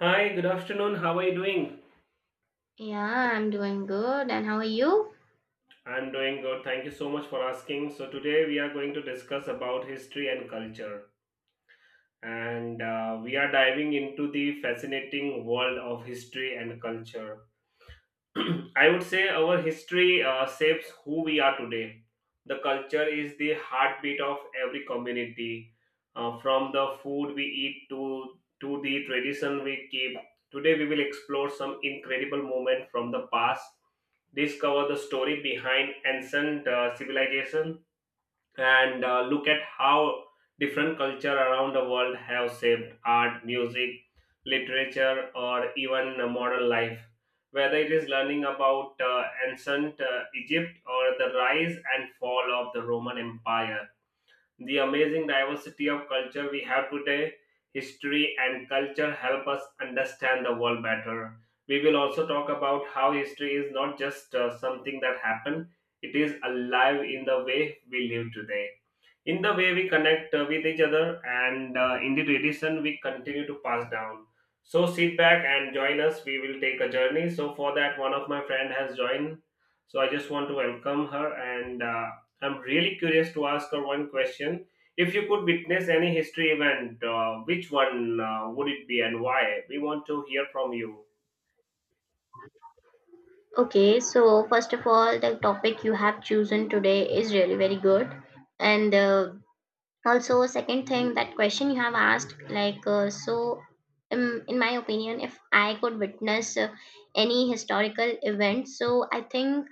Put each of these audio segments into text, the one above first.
Hi, good afternoon. How are you doing? Yeah, I'm doing good. And how are you? I'm doing good. Thank you so much for asking. So today we are going to discuss about history and culture. And We are diving into the fascinating world of history and culture. I would say our history shapes who we are today. The culture is the heartbeat of every community, from the food we eat to the tradition we keep. Today, we will explore some incredible moment from the past, discover the story behind ancient civilization, and look at how different culture around the world have shaped art, music, literature, or even modern life, whether it is learning about ancient Egypt or the rise and fall of the Roman Empire, the amazing diversity of culture we have today. History and culture help us understand the world better. We will also talk about how history is not just something that happened. It is alive in the way we live today, in the way we connect with each other, and in the tradition we continue to pass down. So sit back and join us, we will take a journey. So for that, one of my friend has joined, so I just want to welcome her, and I'm really curious to ask her one question. If you could witness any history event, which one would it be and why? We want to hear from you. Okay, so first of all, the topic you have chosen today is really very good. And also, second thing, that question you have asked, so in my opinion, if I could witness any historical event, so I think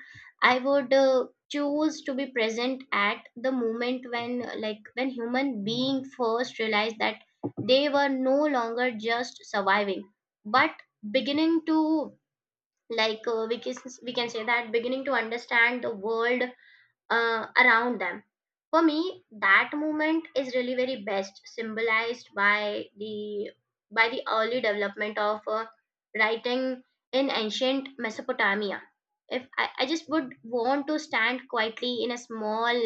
I would choose to be present at the moment when like when human being first realized that they were no longer just surviving, but beginning to, like uh, we can we can say that, beginning to understand the world around them. For me, that movement is really very best symbolized by the early development of writing in ancient Mesopotamia. If I just would want to stand quietly in a small,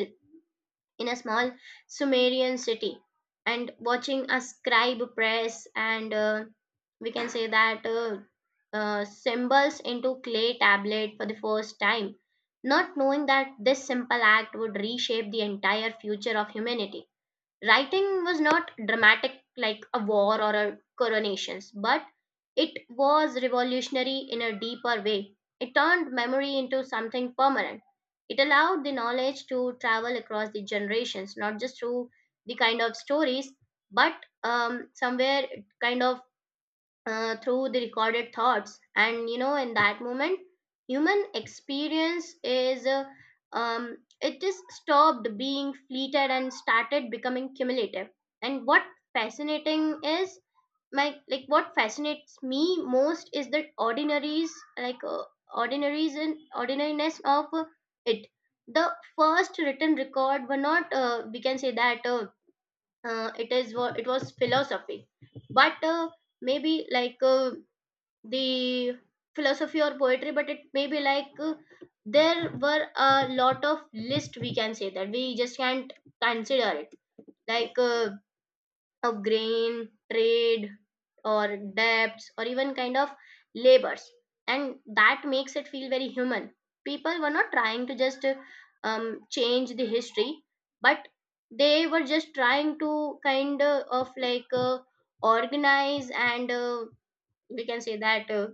in a small Sumerian city, and watching a scribe press and, we can say that, symbols into clay tablet for the first time, not knowing that this simple act would reshape the entire future of humanity. Writing was not dramatic like a war or a coronations, but it was revolutionary in a deeper way. It turned memory into something permanent. It allowed the knowledge to travel across the generations, not just through the kind of stories, but somewhere it kind of, through the recorded thoughts, and in that moment human experience is, it is stopped being fleeted and started becoming cumulative. And what fascinating is, my like what fascinates me most is the ordinaries, like uh, ordinaries and ordinariness of it, the first written record were not, we can say that, it is, it was philosophy, but maybe the philosophy or poetry, but it may be there were a lot of list we can say that we just can't consider it, like uh, a grain trade or debts or even kind of labors. And that makes it feel very human. People were not trying to just change the history, but they were just trying to, kind of like organize, and we can say that, uh,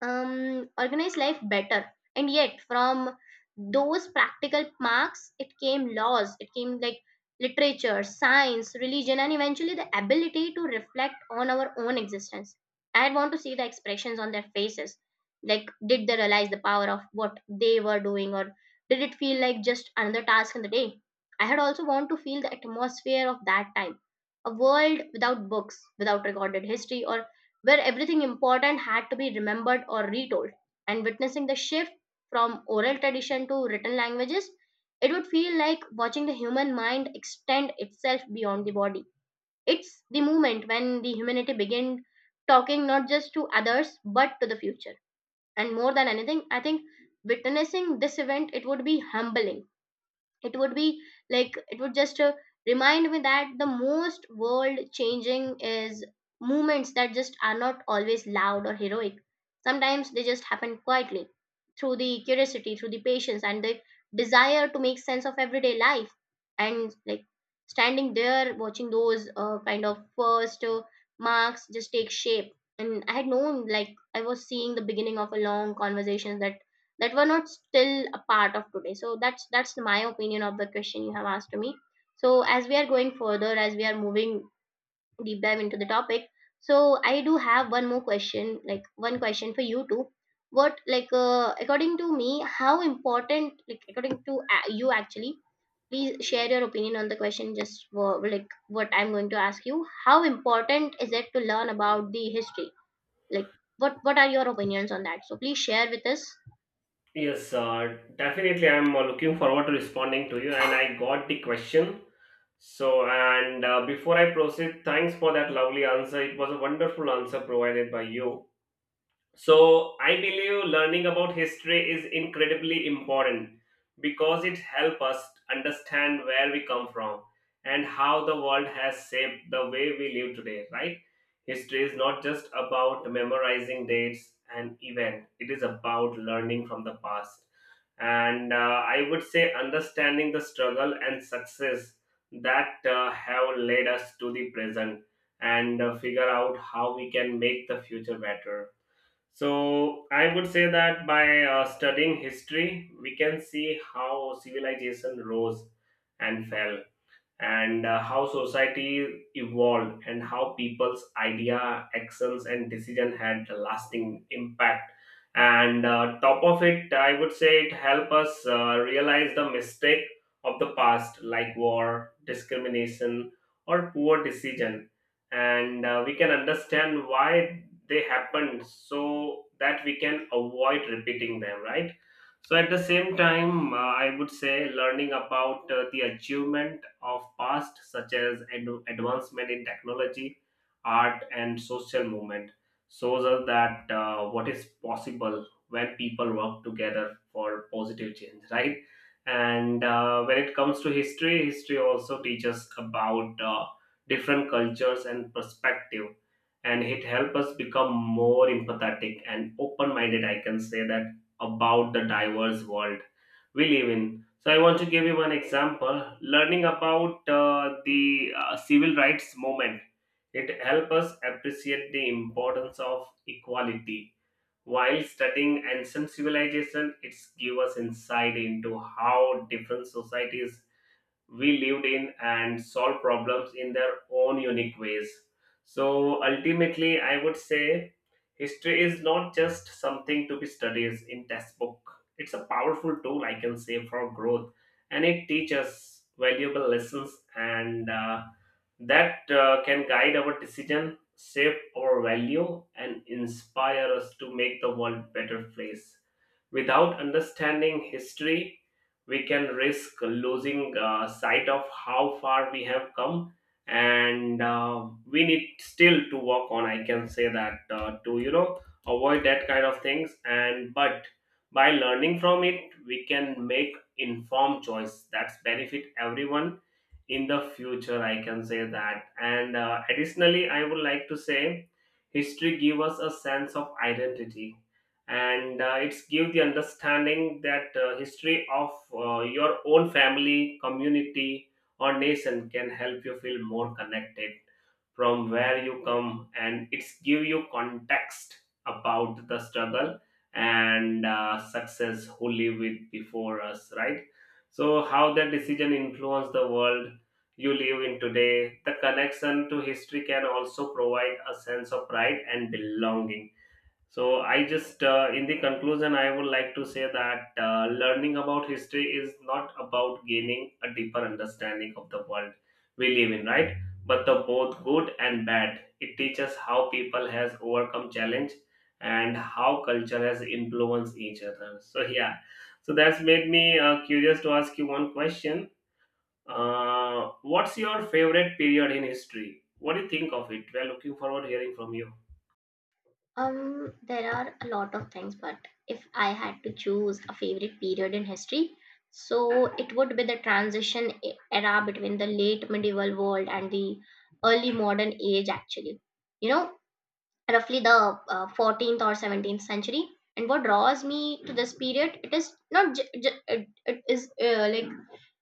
um, organize life better. And yet, from those practical marks, it came laws, it came like literature, science, religion, and eventually the ability to reflect on our own existence. I want to see the expressions on their faces. Like, did they realize the power of what they were doing, or did it feel like just another task in the day? I had also want to feel the atmosphere of that time. A world without books, without recorded history, or where everything important had to be remembered or retold. And witnessing the shift from oral tradition to written languages, it would feel like watching the human mind extend itself beyond the body. It's the moment when the humanity began talking not just to others but to the future. And more than anything, I think witnessing this event, it would be humbling, it would be, it would just remind me that the most world changing is movements that just are not always loud or heroic. Sometimes they just happen quietly, through the curiosity, through the patience and the desire to make sense of everyday life. And like standing there watching those, kind of first marks just take shape, and I had known like I was seeing the beginning of a long conversation that were not still a part of today. So that's my opinion of the question you have asked to me. So as we are going further, as we are moving deep dive into the topic, so I do have one more question, one question for you too. What, according to me, how important, according to you actually, please share your opinion on the question just, like what I'm going to ask you. How important is it to learn about the history, like what are your opinions on that? So please share with us. Yes, definitely I'm looking forward to responding to you, and I got the question. So, and before I proceed, thanks for that lovely answer. It was a wonderful answer provided by you. So, I believe learning about history is incredibly important because it helps us understand where we come from and how the world has shaped the way we live today, right? History is not just about memorizing dates and events, it is about learning from the past, and I would say understanding the struggle and success that have led us to the present, and figure out how we can make the future better. So I would say that by studying history, we can see how civilization rose and fell, and how society evolved, and how people's idea, actions, and decision had a lasting impact. And top of it, I would say it help us realize the mistake of the past, like war, discrimination, or poor decision, and we can understand why they happened so that we can avoid repeating them, right? So at the same time, I would say learning about the achievement of past, such as advancement in technology, art, and social movement, shows us that what is possible when people work together for positive change, right? And when it comes to history, history also teaches about different cultures and perspective, and it helps us become more empathetic and open-minded. I can say that about the diverse world we live in. So, I want to give you one example. Learning about the civil rights movement, it helps us appreciate the importance of equality. While studying ancient civilization, it's give us insight into how different societies we lived in and solved problems in their own unique ways. So ultimately, I would say history is not just something to be studied in textbook. It's a powerful tool, I can say, for growth, and it teaches valuable lessons, and that can guide our decision, shape our value, and inspire us to make the world a better place. Without understanding history, we can risk losing sight of how far we have come, and we need still to work on. I can say that to, you know, avoid that kind of things, and but by learning from it, we can make informed choice that's benefit everyone in the future, I can say that. And additionally, I would like to say history give us a sense of identity, and it's give the understanding that history of your own family, community, or nation can help you feel more connected from where you come, and it's give you context about the struggle and success who live with before us, right? So how that decision influenced the world you live in today. The connection to history can also provide a sense of pride and belonging. So, I just, in the conclusion, I would like to say that learning about history is not about gaining a deeper understanding of the world we live in, right? But the both good and bad. It teaches how people has overcome challenge and how culture has influenced each other. So, yeah. So that's made me curious to ask you one question. What's your favorite period in history? What do you think of it? We are looking forward to hearing from you. There are a lot of things, but if I had to choose a favorite period in history, so it would be the transition era between the late medieval world and the early modern age, actually. You know, roughly the 14th or 17th century. And what draws me to this period, it is not, it is like,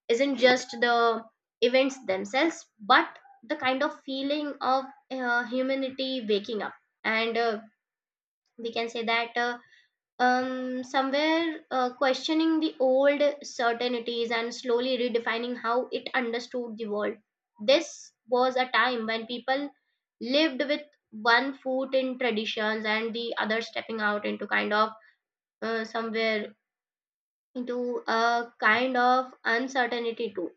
isn't just the events themselves, but the kind of feeling of humanity waking up, and we can say that, somewhere questioning the old certainties and slowly redefining how it understood the world. This was a time when people lived with one foot in traditions and the other stepping out into kind of, somewhere into a kind of uncertainty too.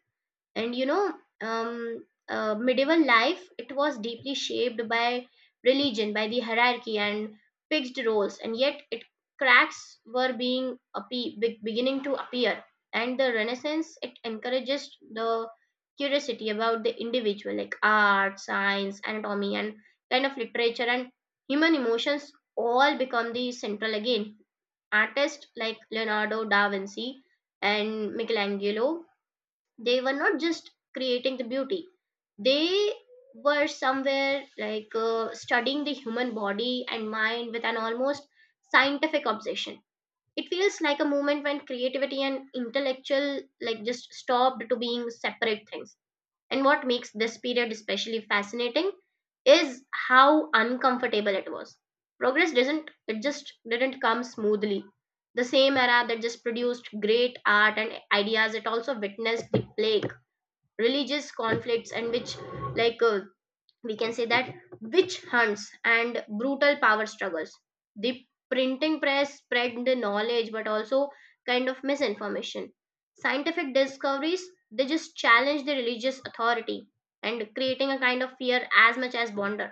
And you know, um, medieval life, it was deeply shaped by religion, by the hierarchy and fixed roles, and yet it cracks were being, beginning to appear. And the Renaissance, it encourages the curiosity about the individual, like art, science, anatomy, and kind of literature, and human emotions all become the central again. Artists like Leonardo da Vinci and Michelangelo, they were not just creating the beauty, they were somewhere studying the human body and mind with an almost scientific obsession. It feels like a moment when creativity and intellectual like just stopped to being separate things. And what makes this period especially fascinating is how uncomfortable it was. Progress doesn't, it just didn't come smoothly. The same era that just produced great art and ideas, it also witnessed the plague, religious conflicts, and which, like uh, we can say that, witch hunts and brutal power struggles. The printing press spread the knowledge but also kind of misinformation. Scientific discoveries, they just challenge the religious authority and creating a kind of fear as much as wonder.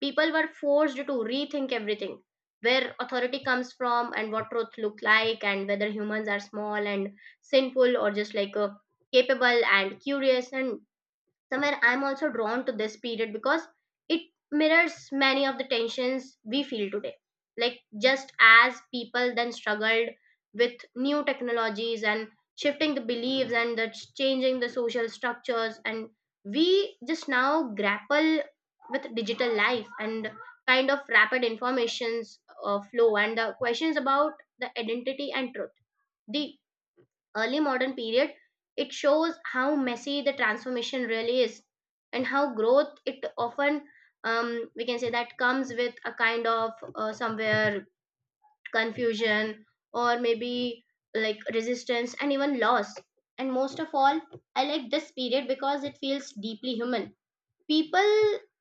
People were forced to rethink everything, where authority comes from, and what truth look like, and whether humans are small and sinful or just, capable and curious. And somewhere I'm also drawn to this period because it mirrors many of the tensions we feel today. Like, just as people then struggled with new technologies and shifting the beliefs and the changing the social structures, and we just now grapple with digital life and kind of rapid informations flow and the questions about the identity and truth. The early modern period, it shows how messy the transformation really is and how growth it often, we can say that, comes with a kind of, somewhere, confusion, or maybe like resistance and even loss. And most of all, I like this period because it feels deeply human. People,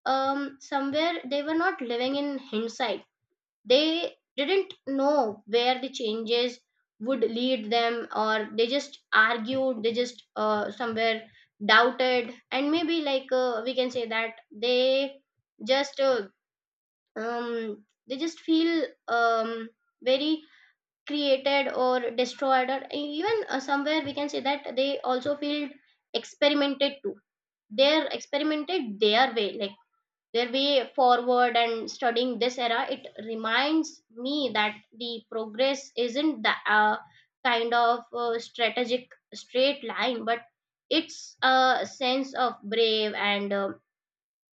somewhere, they were not living in hindsight, they didn't know where the changes would lead them, or they just argued, they just, somewhere, doubted, and maybe, we can say that, they just, they just feel, very created or destroyed, or even, somewhere we can say that, they also feel experimented too. They're experimented their way, like their way forward, and studying this era, it reminds me that the progress isn't the, kind of strategic straight line, but it's a sense of brave and,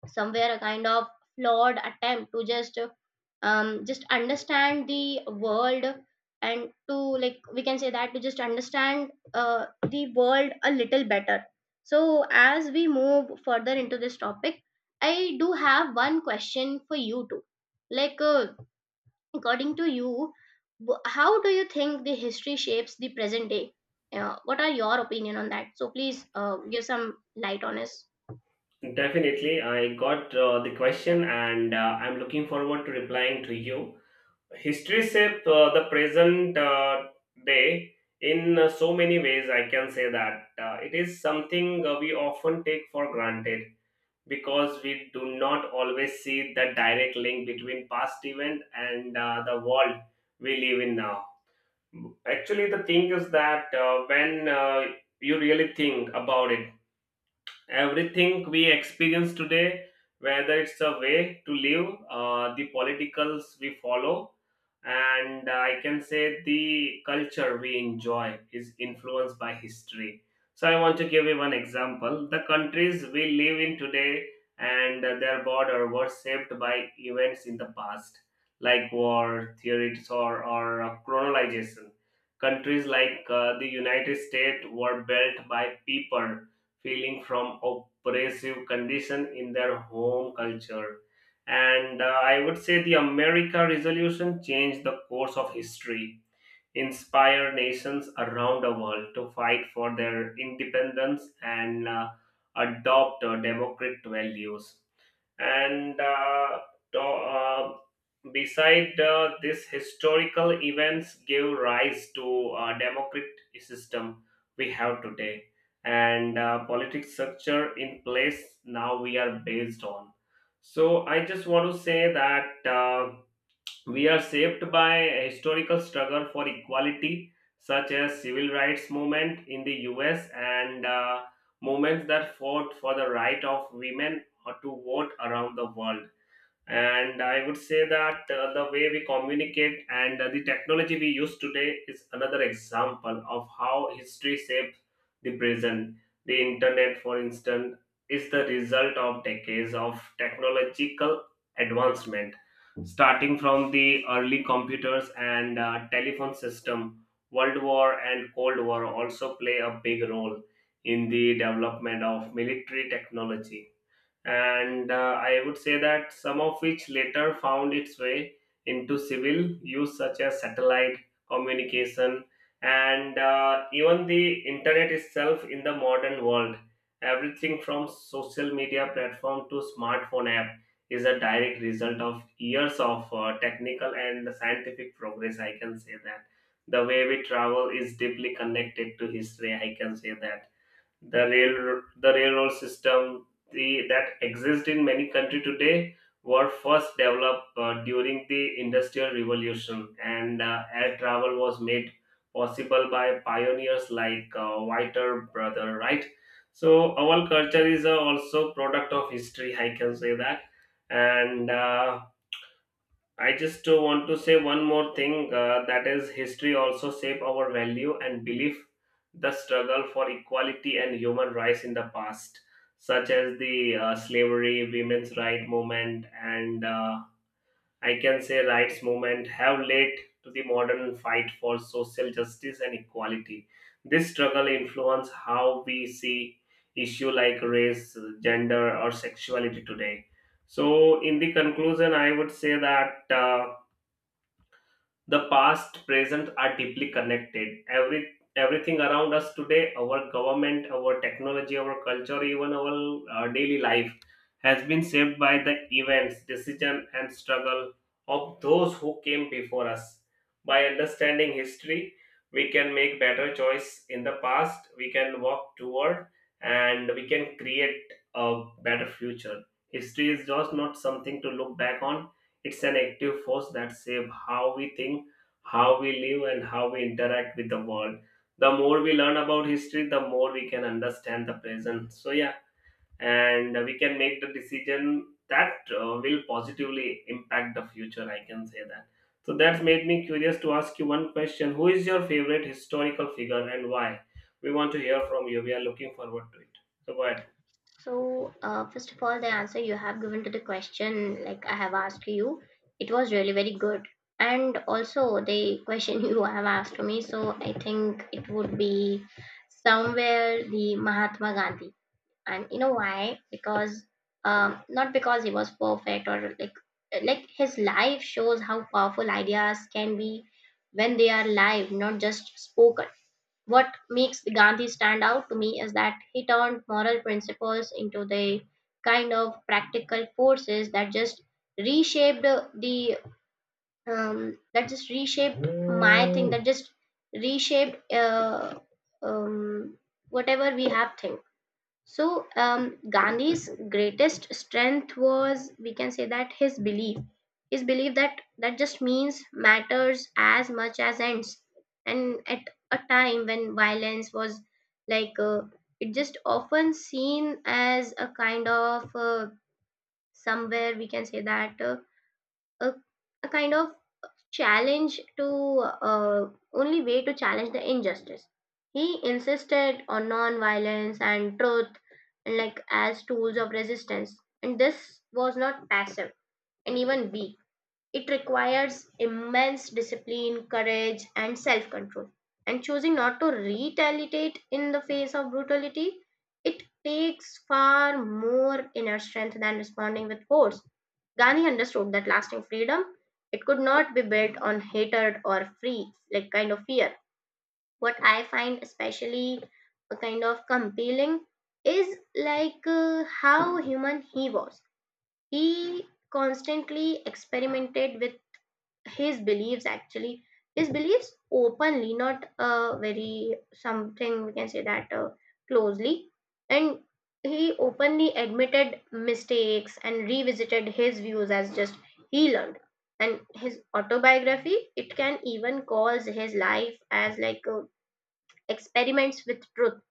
somewhere a kind of flawed attempt to just, just understand the world, and to, like we can say that, to just understand the world a little better. So as we move further into this topic, I do have one question for you too, like uh, according to you, how do you think the history shapes the present day? What are your opinion on that? So please give some light on it. Definitely, I got the question, and I'm looking forward to replying to you. History shaped the present day in so many ways, I can say that. It is something we often take for granted because we do not always see the direct link between past event and the world we live in now. Actually, the thing is that when you really think about it, everything we experience today, whether it's a way to live, the politicals we follow, and I can say the culture we enjoy, is influenced by history. So I want to give you one example. The countries we live in today and their border were shaped by events in the past, like war, theories, or, or colonization. Countries like the United States were built by people feeling from oppressive condition in their home culture, and I would say the America resolution changed the course of history, inspire nations around the world to fight for their independence, and adopt democratic values and to, uh, beside this historical events give rise to a democratic system we have today, and politics structure in place now we are based on. So I just want to say that we are shaped by a historical struggle for equality, such as civil rights movement in the U.S., and movements that fought for the right of women to vote around the world. And I would say that the way we communicate and the technology we use today is another example of how history shaped the present. The internet, for instance, is the result of decades of technological advancement, starting from the early computers and telephone system. World war and cold war also play a big role in the development of military technology, and I would say that some of which later found its way into civil use, such as satellite communication, and even the internet itself in the modern world. Everything from social media platform to smartphone app is a direct result of years of technical and scientific progress, I can say that. The way we travel is deeply connected to history, I can say that. The railroad system, that exists in many countries today, were first developed during the industrial revolution, and air travel was made possible by pioneers like Whiter Brother, right? So our culture is also product of history, I can say that. And I just want to say one more thing that is history also shape our value and belief. The struggle for equality and human rights in the past, such as the slavery, women's right movement, and I can say rights movement, have led to the modern fight for social justice and equality. This struggle influence how we see issue like race, gender, or sexuality today. So in the conclusion, I would say that the past, present are deeply connected. Everything around us today, our government, our technology, our culture, even our daily life, has been shaped by the events, decision, and struggle of those who came before us. By understanding history, we can make better choice in the past. We can walk toward, and we can create a better future. History is just not something to look back on. It's an active force that shapes how we think, how we live, and how we interact with the world. The more we learn about history, the more we can understand the present. So yeah, and we can make the decision that will positively impact the future, I can say that. So that's made me curious to ask you one question: who is your favorite historical figure and why? We want to hear from you. We are looking forward to it. So go ahead. So, first of all, the answer you have given to the question, like I have asked you, it was really very good. And also, the question you have asked to me, so I think it would be somewhere the Mahatma Gandhi. And you know why? Because, not because he was perfect, or like his life shows how powerful ideas can be when they are live, not just spoken. What makes Gandhi stand out to me is that he turned moral principles into the kind of practical forces that just reshaped the, that just reshaped my thing, that just reshaped, um, whatever we have think. So, Gandhi's greatest strength was, we can say that, his belief that that just means matters as much as ends. And at a time when violence was, like, it just often seen as a kind of, somewhere we can say that, a, a kind of challenge to, only way to challenge the injustice, he insisted on non-violence and truth, and like as tools of resistance. And this was not passive and even weak, it requires immense discipline, courage, and self control. And choosing not to retaliate in the face of brutality, it takes far more inner strength than responding with force. Gandhi understood that lasting freedom it could not be built on hatred or free like kind of fear. What I find especially a kind of compelling is how human he was. He constantly experimented with his beliefs actually, his beliefs openly, not very something we can say that closely. And he openly admitted mistakes and revisited his views as just he learned. And his autobiography it can even calls his life as experiments with truth,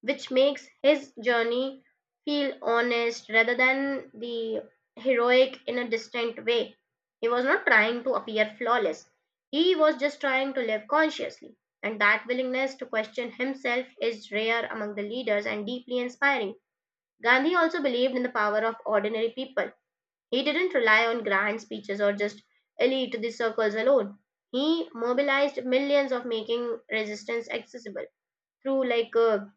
which makes his journey feel honest rather than the heroic in a distant way. He was not trying to appear flawless, he was just trying to live consciously. And that willingness to question himself is rare among the leaders and deeply inspiring. Gandhi also believed in the power of ordinary people. He didn't rely on grand speeches or just elite the circles alone. He mobilized millions of making resistance accessible through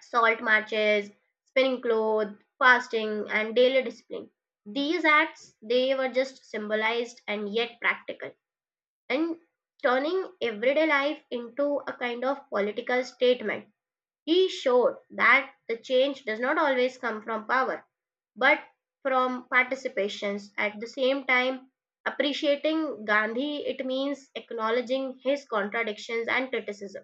salt matches, spinning cloth, fasting, and daily discipline. These acts they were just symbolized and yet practical, and turning everyday life into a kind of political statement. He showed that the change does not always come from power, but from participations. At the same time, appreciating Gandhi it means acknowledging his contradictions and criticism,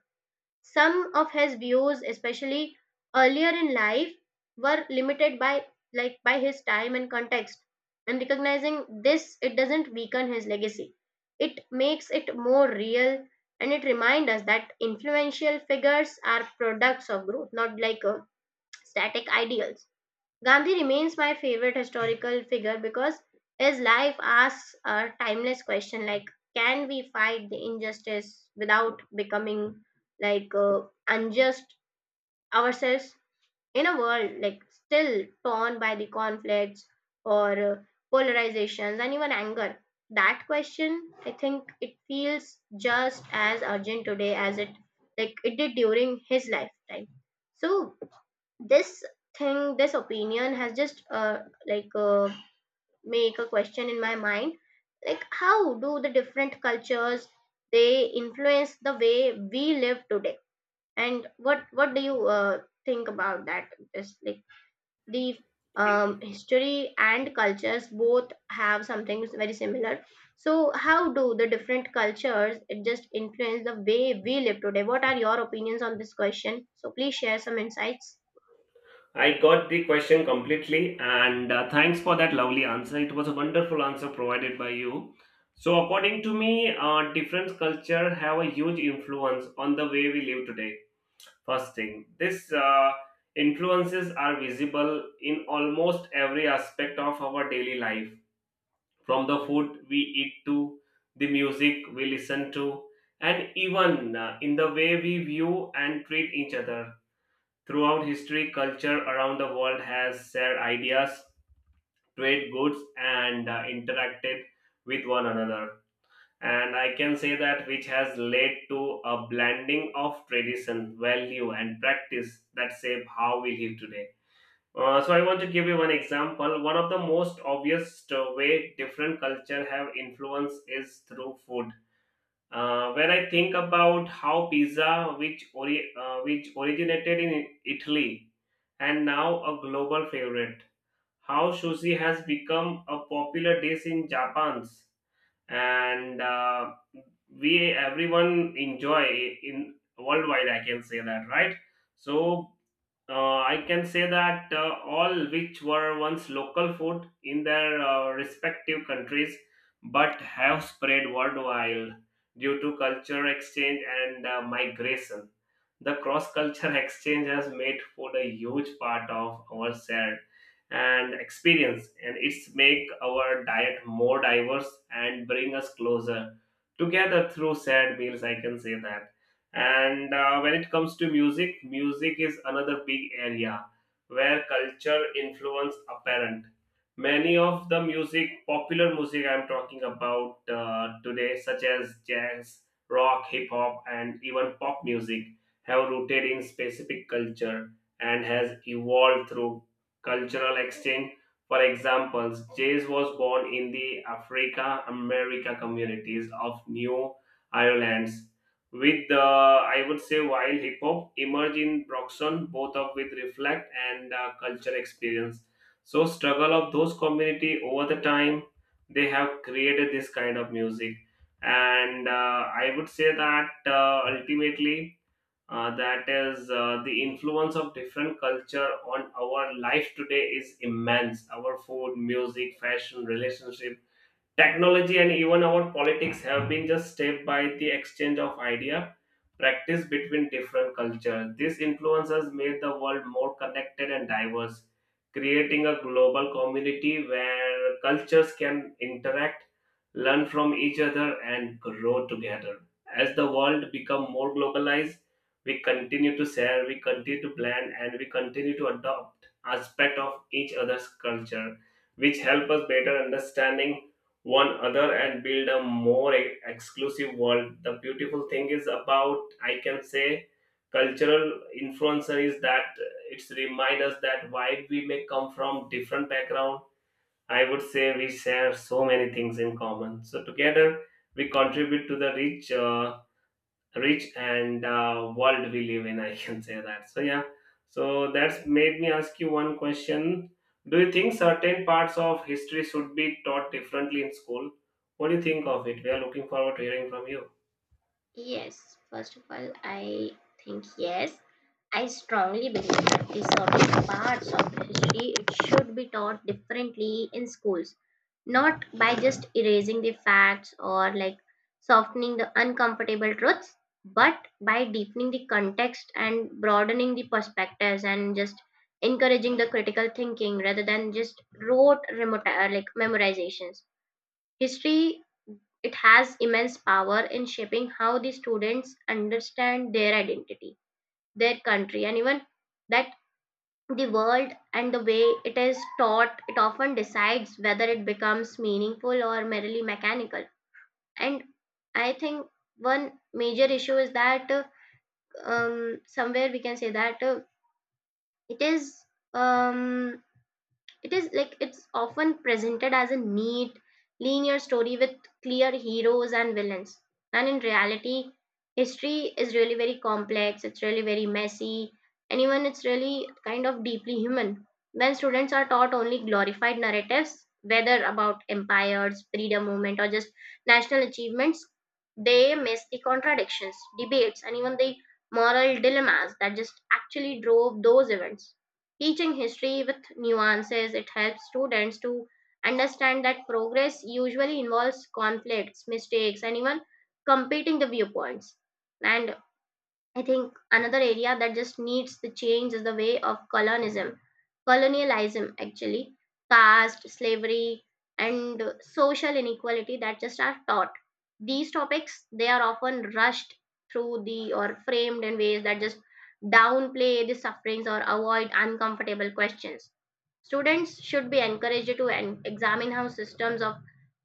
some of his views especially earlier in life were limited by like by his time and context, and recognizing this it doesn't weaken his legacy, it makes it more real. And it reminds us that influential figures are products of growth, not static ideals. Gandhi remains my favorite historical figure because his life asks a timeless question, like can we fight the injustice without becoming like uh, unjust ourselves in a world like still torn by the conflicts or polarizations and even anger. That question, I think it feels just as urgent today as it like it did during his lifetime. So this thing, this opinion has just like uh, make a question in my mind, like how do the different cultures they influence the way we live today? And what do you think about that? Just like the history and cultures both have something very similar. So how do the different cultures it just influence the way we live today? What are your opinions on this question? So please share some insights. I got the question completely, and thanks for that lovely answer. It was a wonderful answer provided by you. So, according to me, different culture have a huge influence on the way we live today. First thing, this influences are visible in almost every aspect of our daily life, from the food we eat to the music we listen to, and even in the way we view and treat each other. Throughout history, culture around the world has shared ideas, trade goods, and interacted with one another. And I can say that which has led to a blending of tradition, value, and practice that shape how we live today. So I want to give you one example. One of the most obvious way different culture have influence is through food. When I think about how pizza, which which originated in Italy, and now a global favorite. How sushi has become a popular dish in Japan's and we everyone enjoy in worldwide. I can say that, right? So I can say that all which were once local food in their respective countries but have spread worldwide due to culture exchange and migration. The cross culture exchange has made food a huge part of our shared and experience, and it's make our diet more diverse and bring us closer together through shared meals, I can say that. And when it comes to music, music is another big area where culture influence apparent. Many of the music, popular music I'm talking about today, such as jazz, rock, hip hop, and even pop music, have rooted in specific culture and has evolved through cultural exchange. For example, jazz was born in the Africa America communities of New Ireland with I would say, while hip hop emerged in Broxton, both of with reflect and culture experience. So struggle of those community over the time they have created this kind of music, and I would say that ultimately that is the influence of different culture on our life today is immense. Our food, music, fashion, relationship, technology, and even our politics have been just shaped by the exchange of idea, practice between different cultures. These influences made the world more connected and diverse, creating a global community where cultures can interact, learn from each other, and grow together. As the world become more globalized, we continue to share, we continue to plan, and we continue to adopt aspect of each other's culture, which help us better understanding one other and build a more exclusive world. The beautiful thing is about, I can say, cultural influencer is that it's remind us that while we may come from different background, I would say we share so many things in common, so together we contribute to the rich rich and world we live in. I can say that, so yeah. So that's made me ask you one question: do you think certain parts of history should be taught differently in school? What do you think of it? We are looking forward to hearing from you. Yes, first of all, I think yes. I strongly believe that the certain parts of history it should be taught differently in schools, not by just erasing the facts or like softening the uncomfortable truths, but by deepening the context and broadening the perspectives and just encouraging the critical thinking rather than just like memorizations. History it has immense power in shaping how the students understand their identity, their country, and even that the world, and the way it is taught, it often decides whether it becomes meaningful or merely mechanical. And I think one major issue is that somewhere we can say that it is um, it is like it's often presented as a neat, linear story with clear heroes and villains. And in reality, history is really very complex, it's really very messy, and even it's really kind of deeply human. When students are taught only glorified narratives, whether about empires, freedom movement, or just national achievements, they miss the contradictions, debates, and even the moral dilemmas that just actually drove those events. Teaching history with nuances, it helps students to understand that progress usually involves conflicts, mistakes, and even competing the viewpoints. And I think another area that just needs the change is the way of colonialism, colonialism actually, caste, slavery, and social inequality that just are taught. These topics they are often rushed through the or framed in ways that just downplay the sufferings or avoid uncomfortable questions. Students should be encouraged to examine how systems of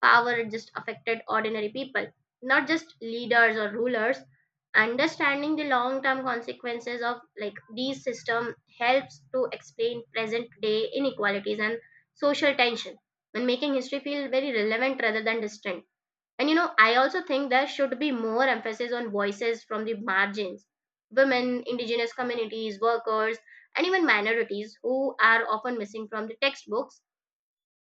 power just affected ordinary people, not just leaders or rulers. Understanding the long-term consequences of like these system helps to explain present-day inequalities and social tension, and making history feel very relevant rather than distant. And you know, I also think there should be more emphasis on voices from the margins, women, indigenous communities, workers, and even minorities who are often missing from the textbooks.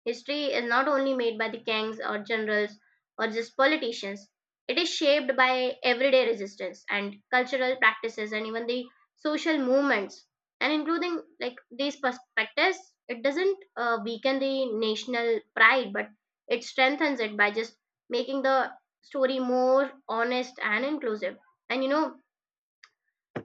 History is not only made by the kings or generals or just politicians, it is shaped by everyday resistance and cultural practices and even the social movements. And including like these perspectives, it doesn't weaken the national pride, but it strengthens it by just making the story more honest and inclusive. And you know,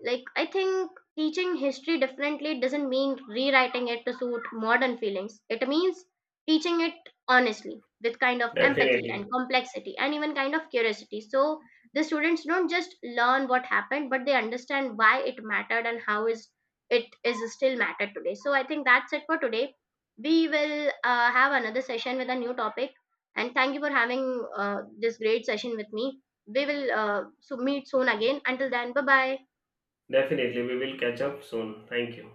like I think teaching history differently doesn't mean rewriting it to suit modern feelings, it means teaching it honestly, with kind of empathy and Definitely. complexity and even kind of curiosity. So the students don't just learn what happened, but they understand why it mattered and how is it is still matter today. So I think that's it for today. We will have another session with a new topic. And thank you for having this great session with me. We will so meet soon again. Until then, bye bye. Definitely we will catch up soon. Thank you.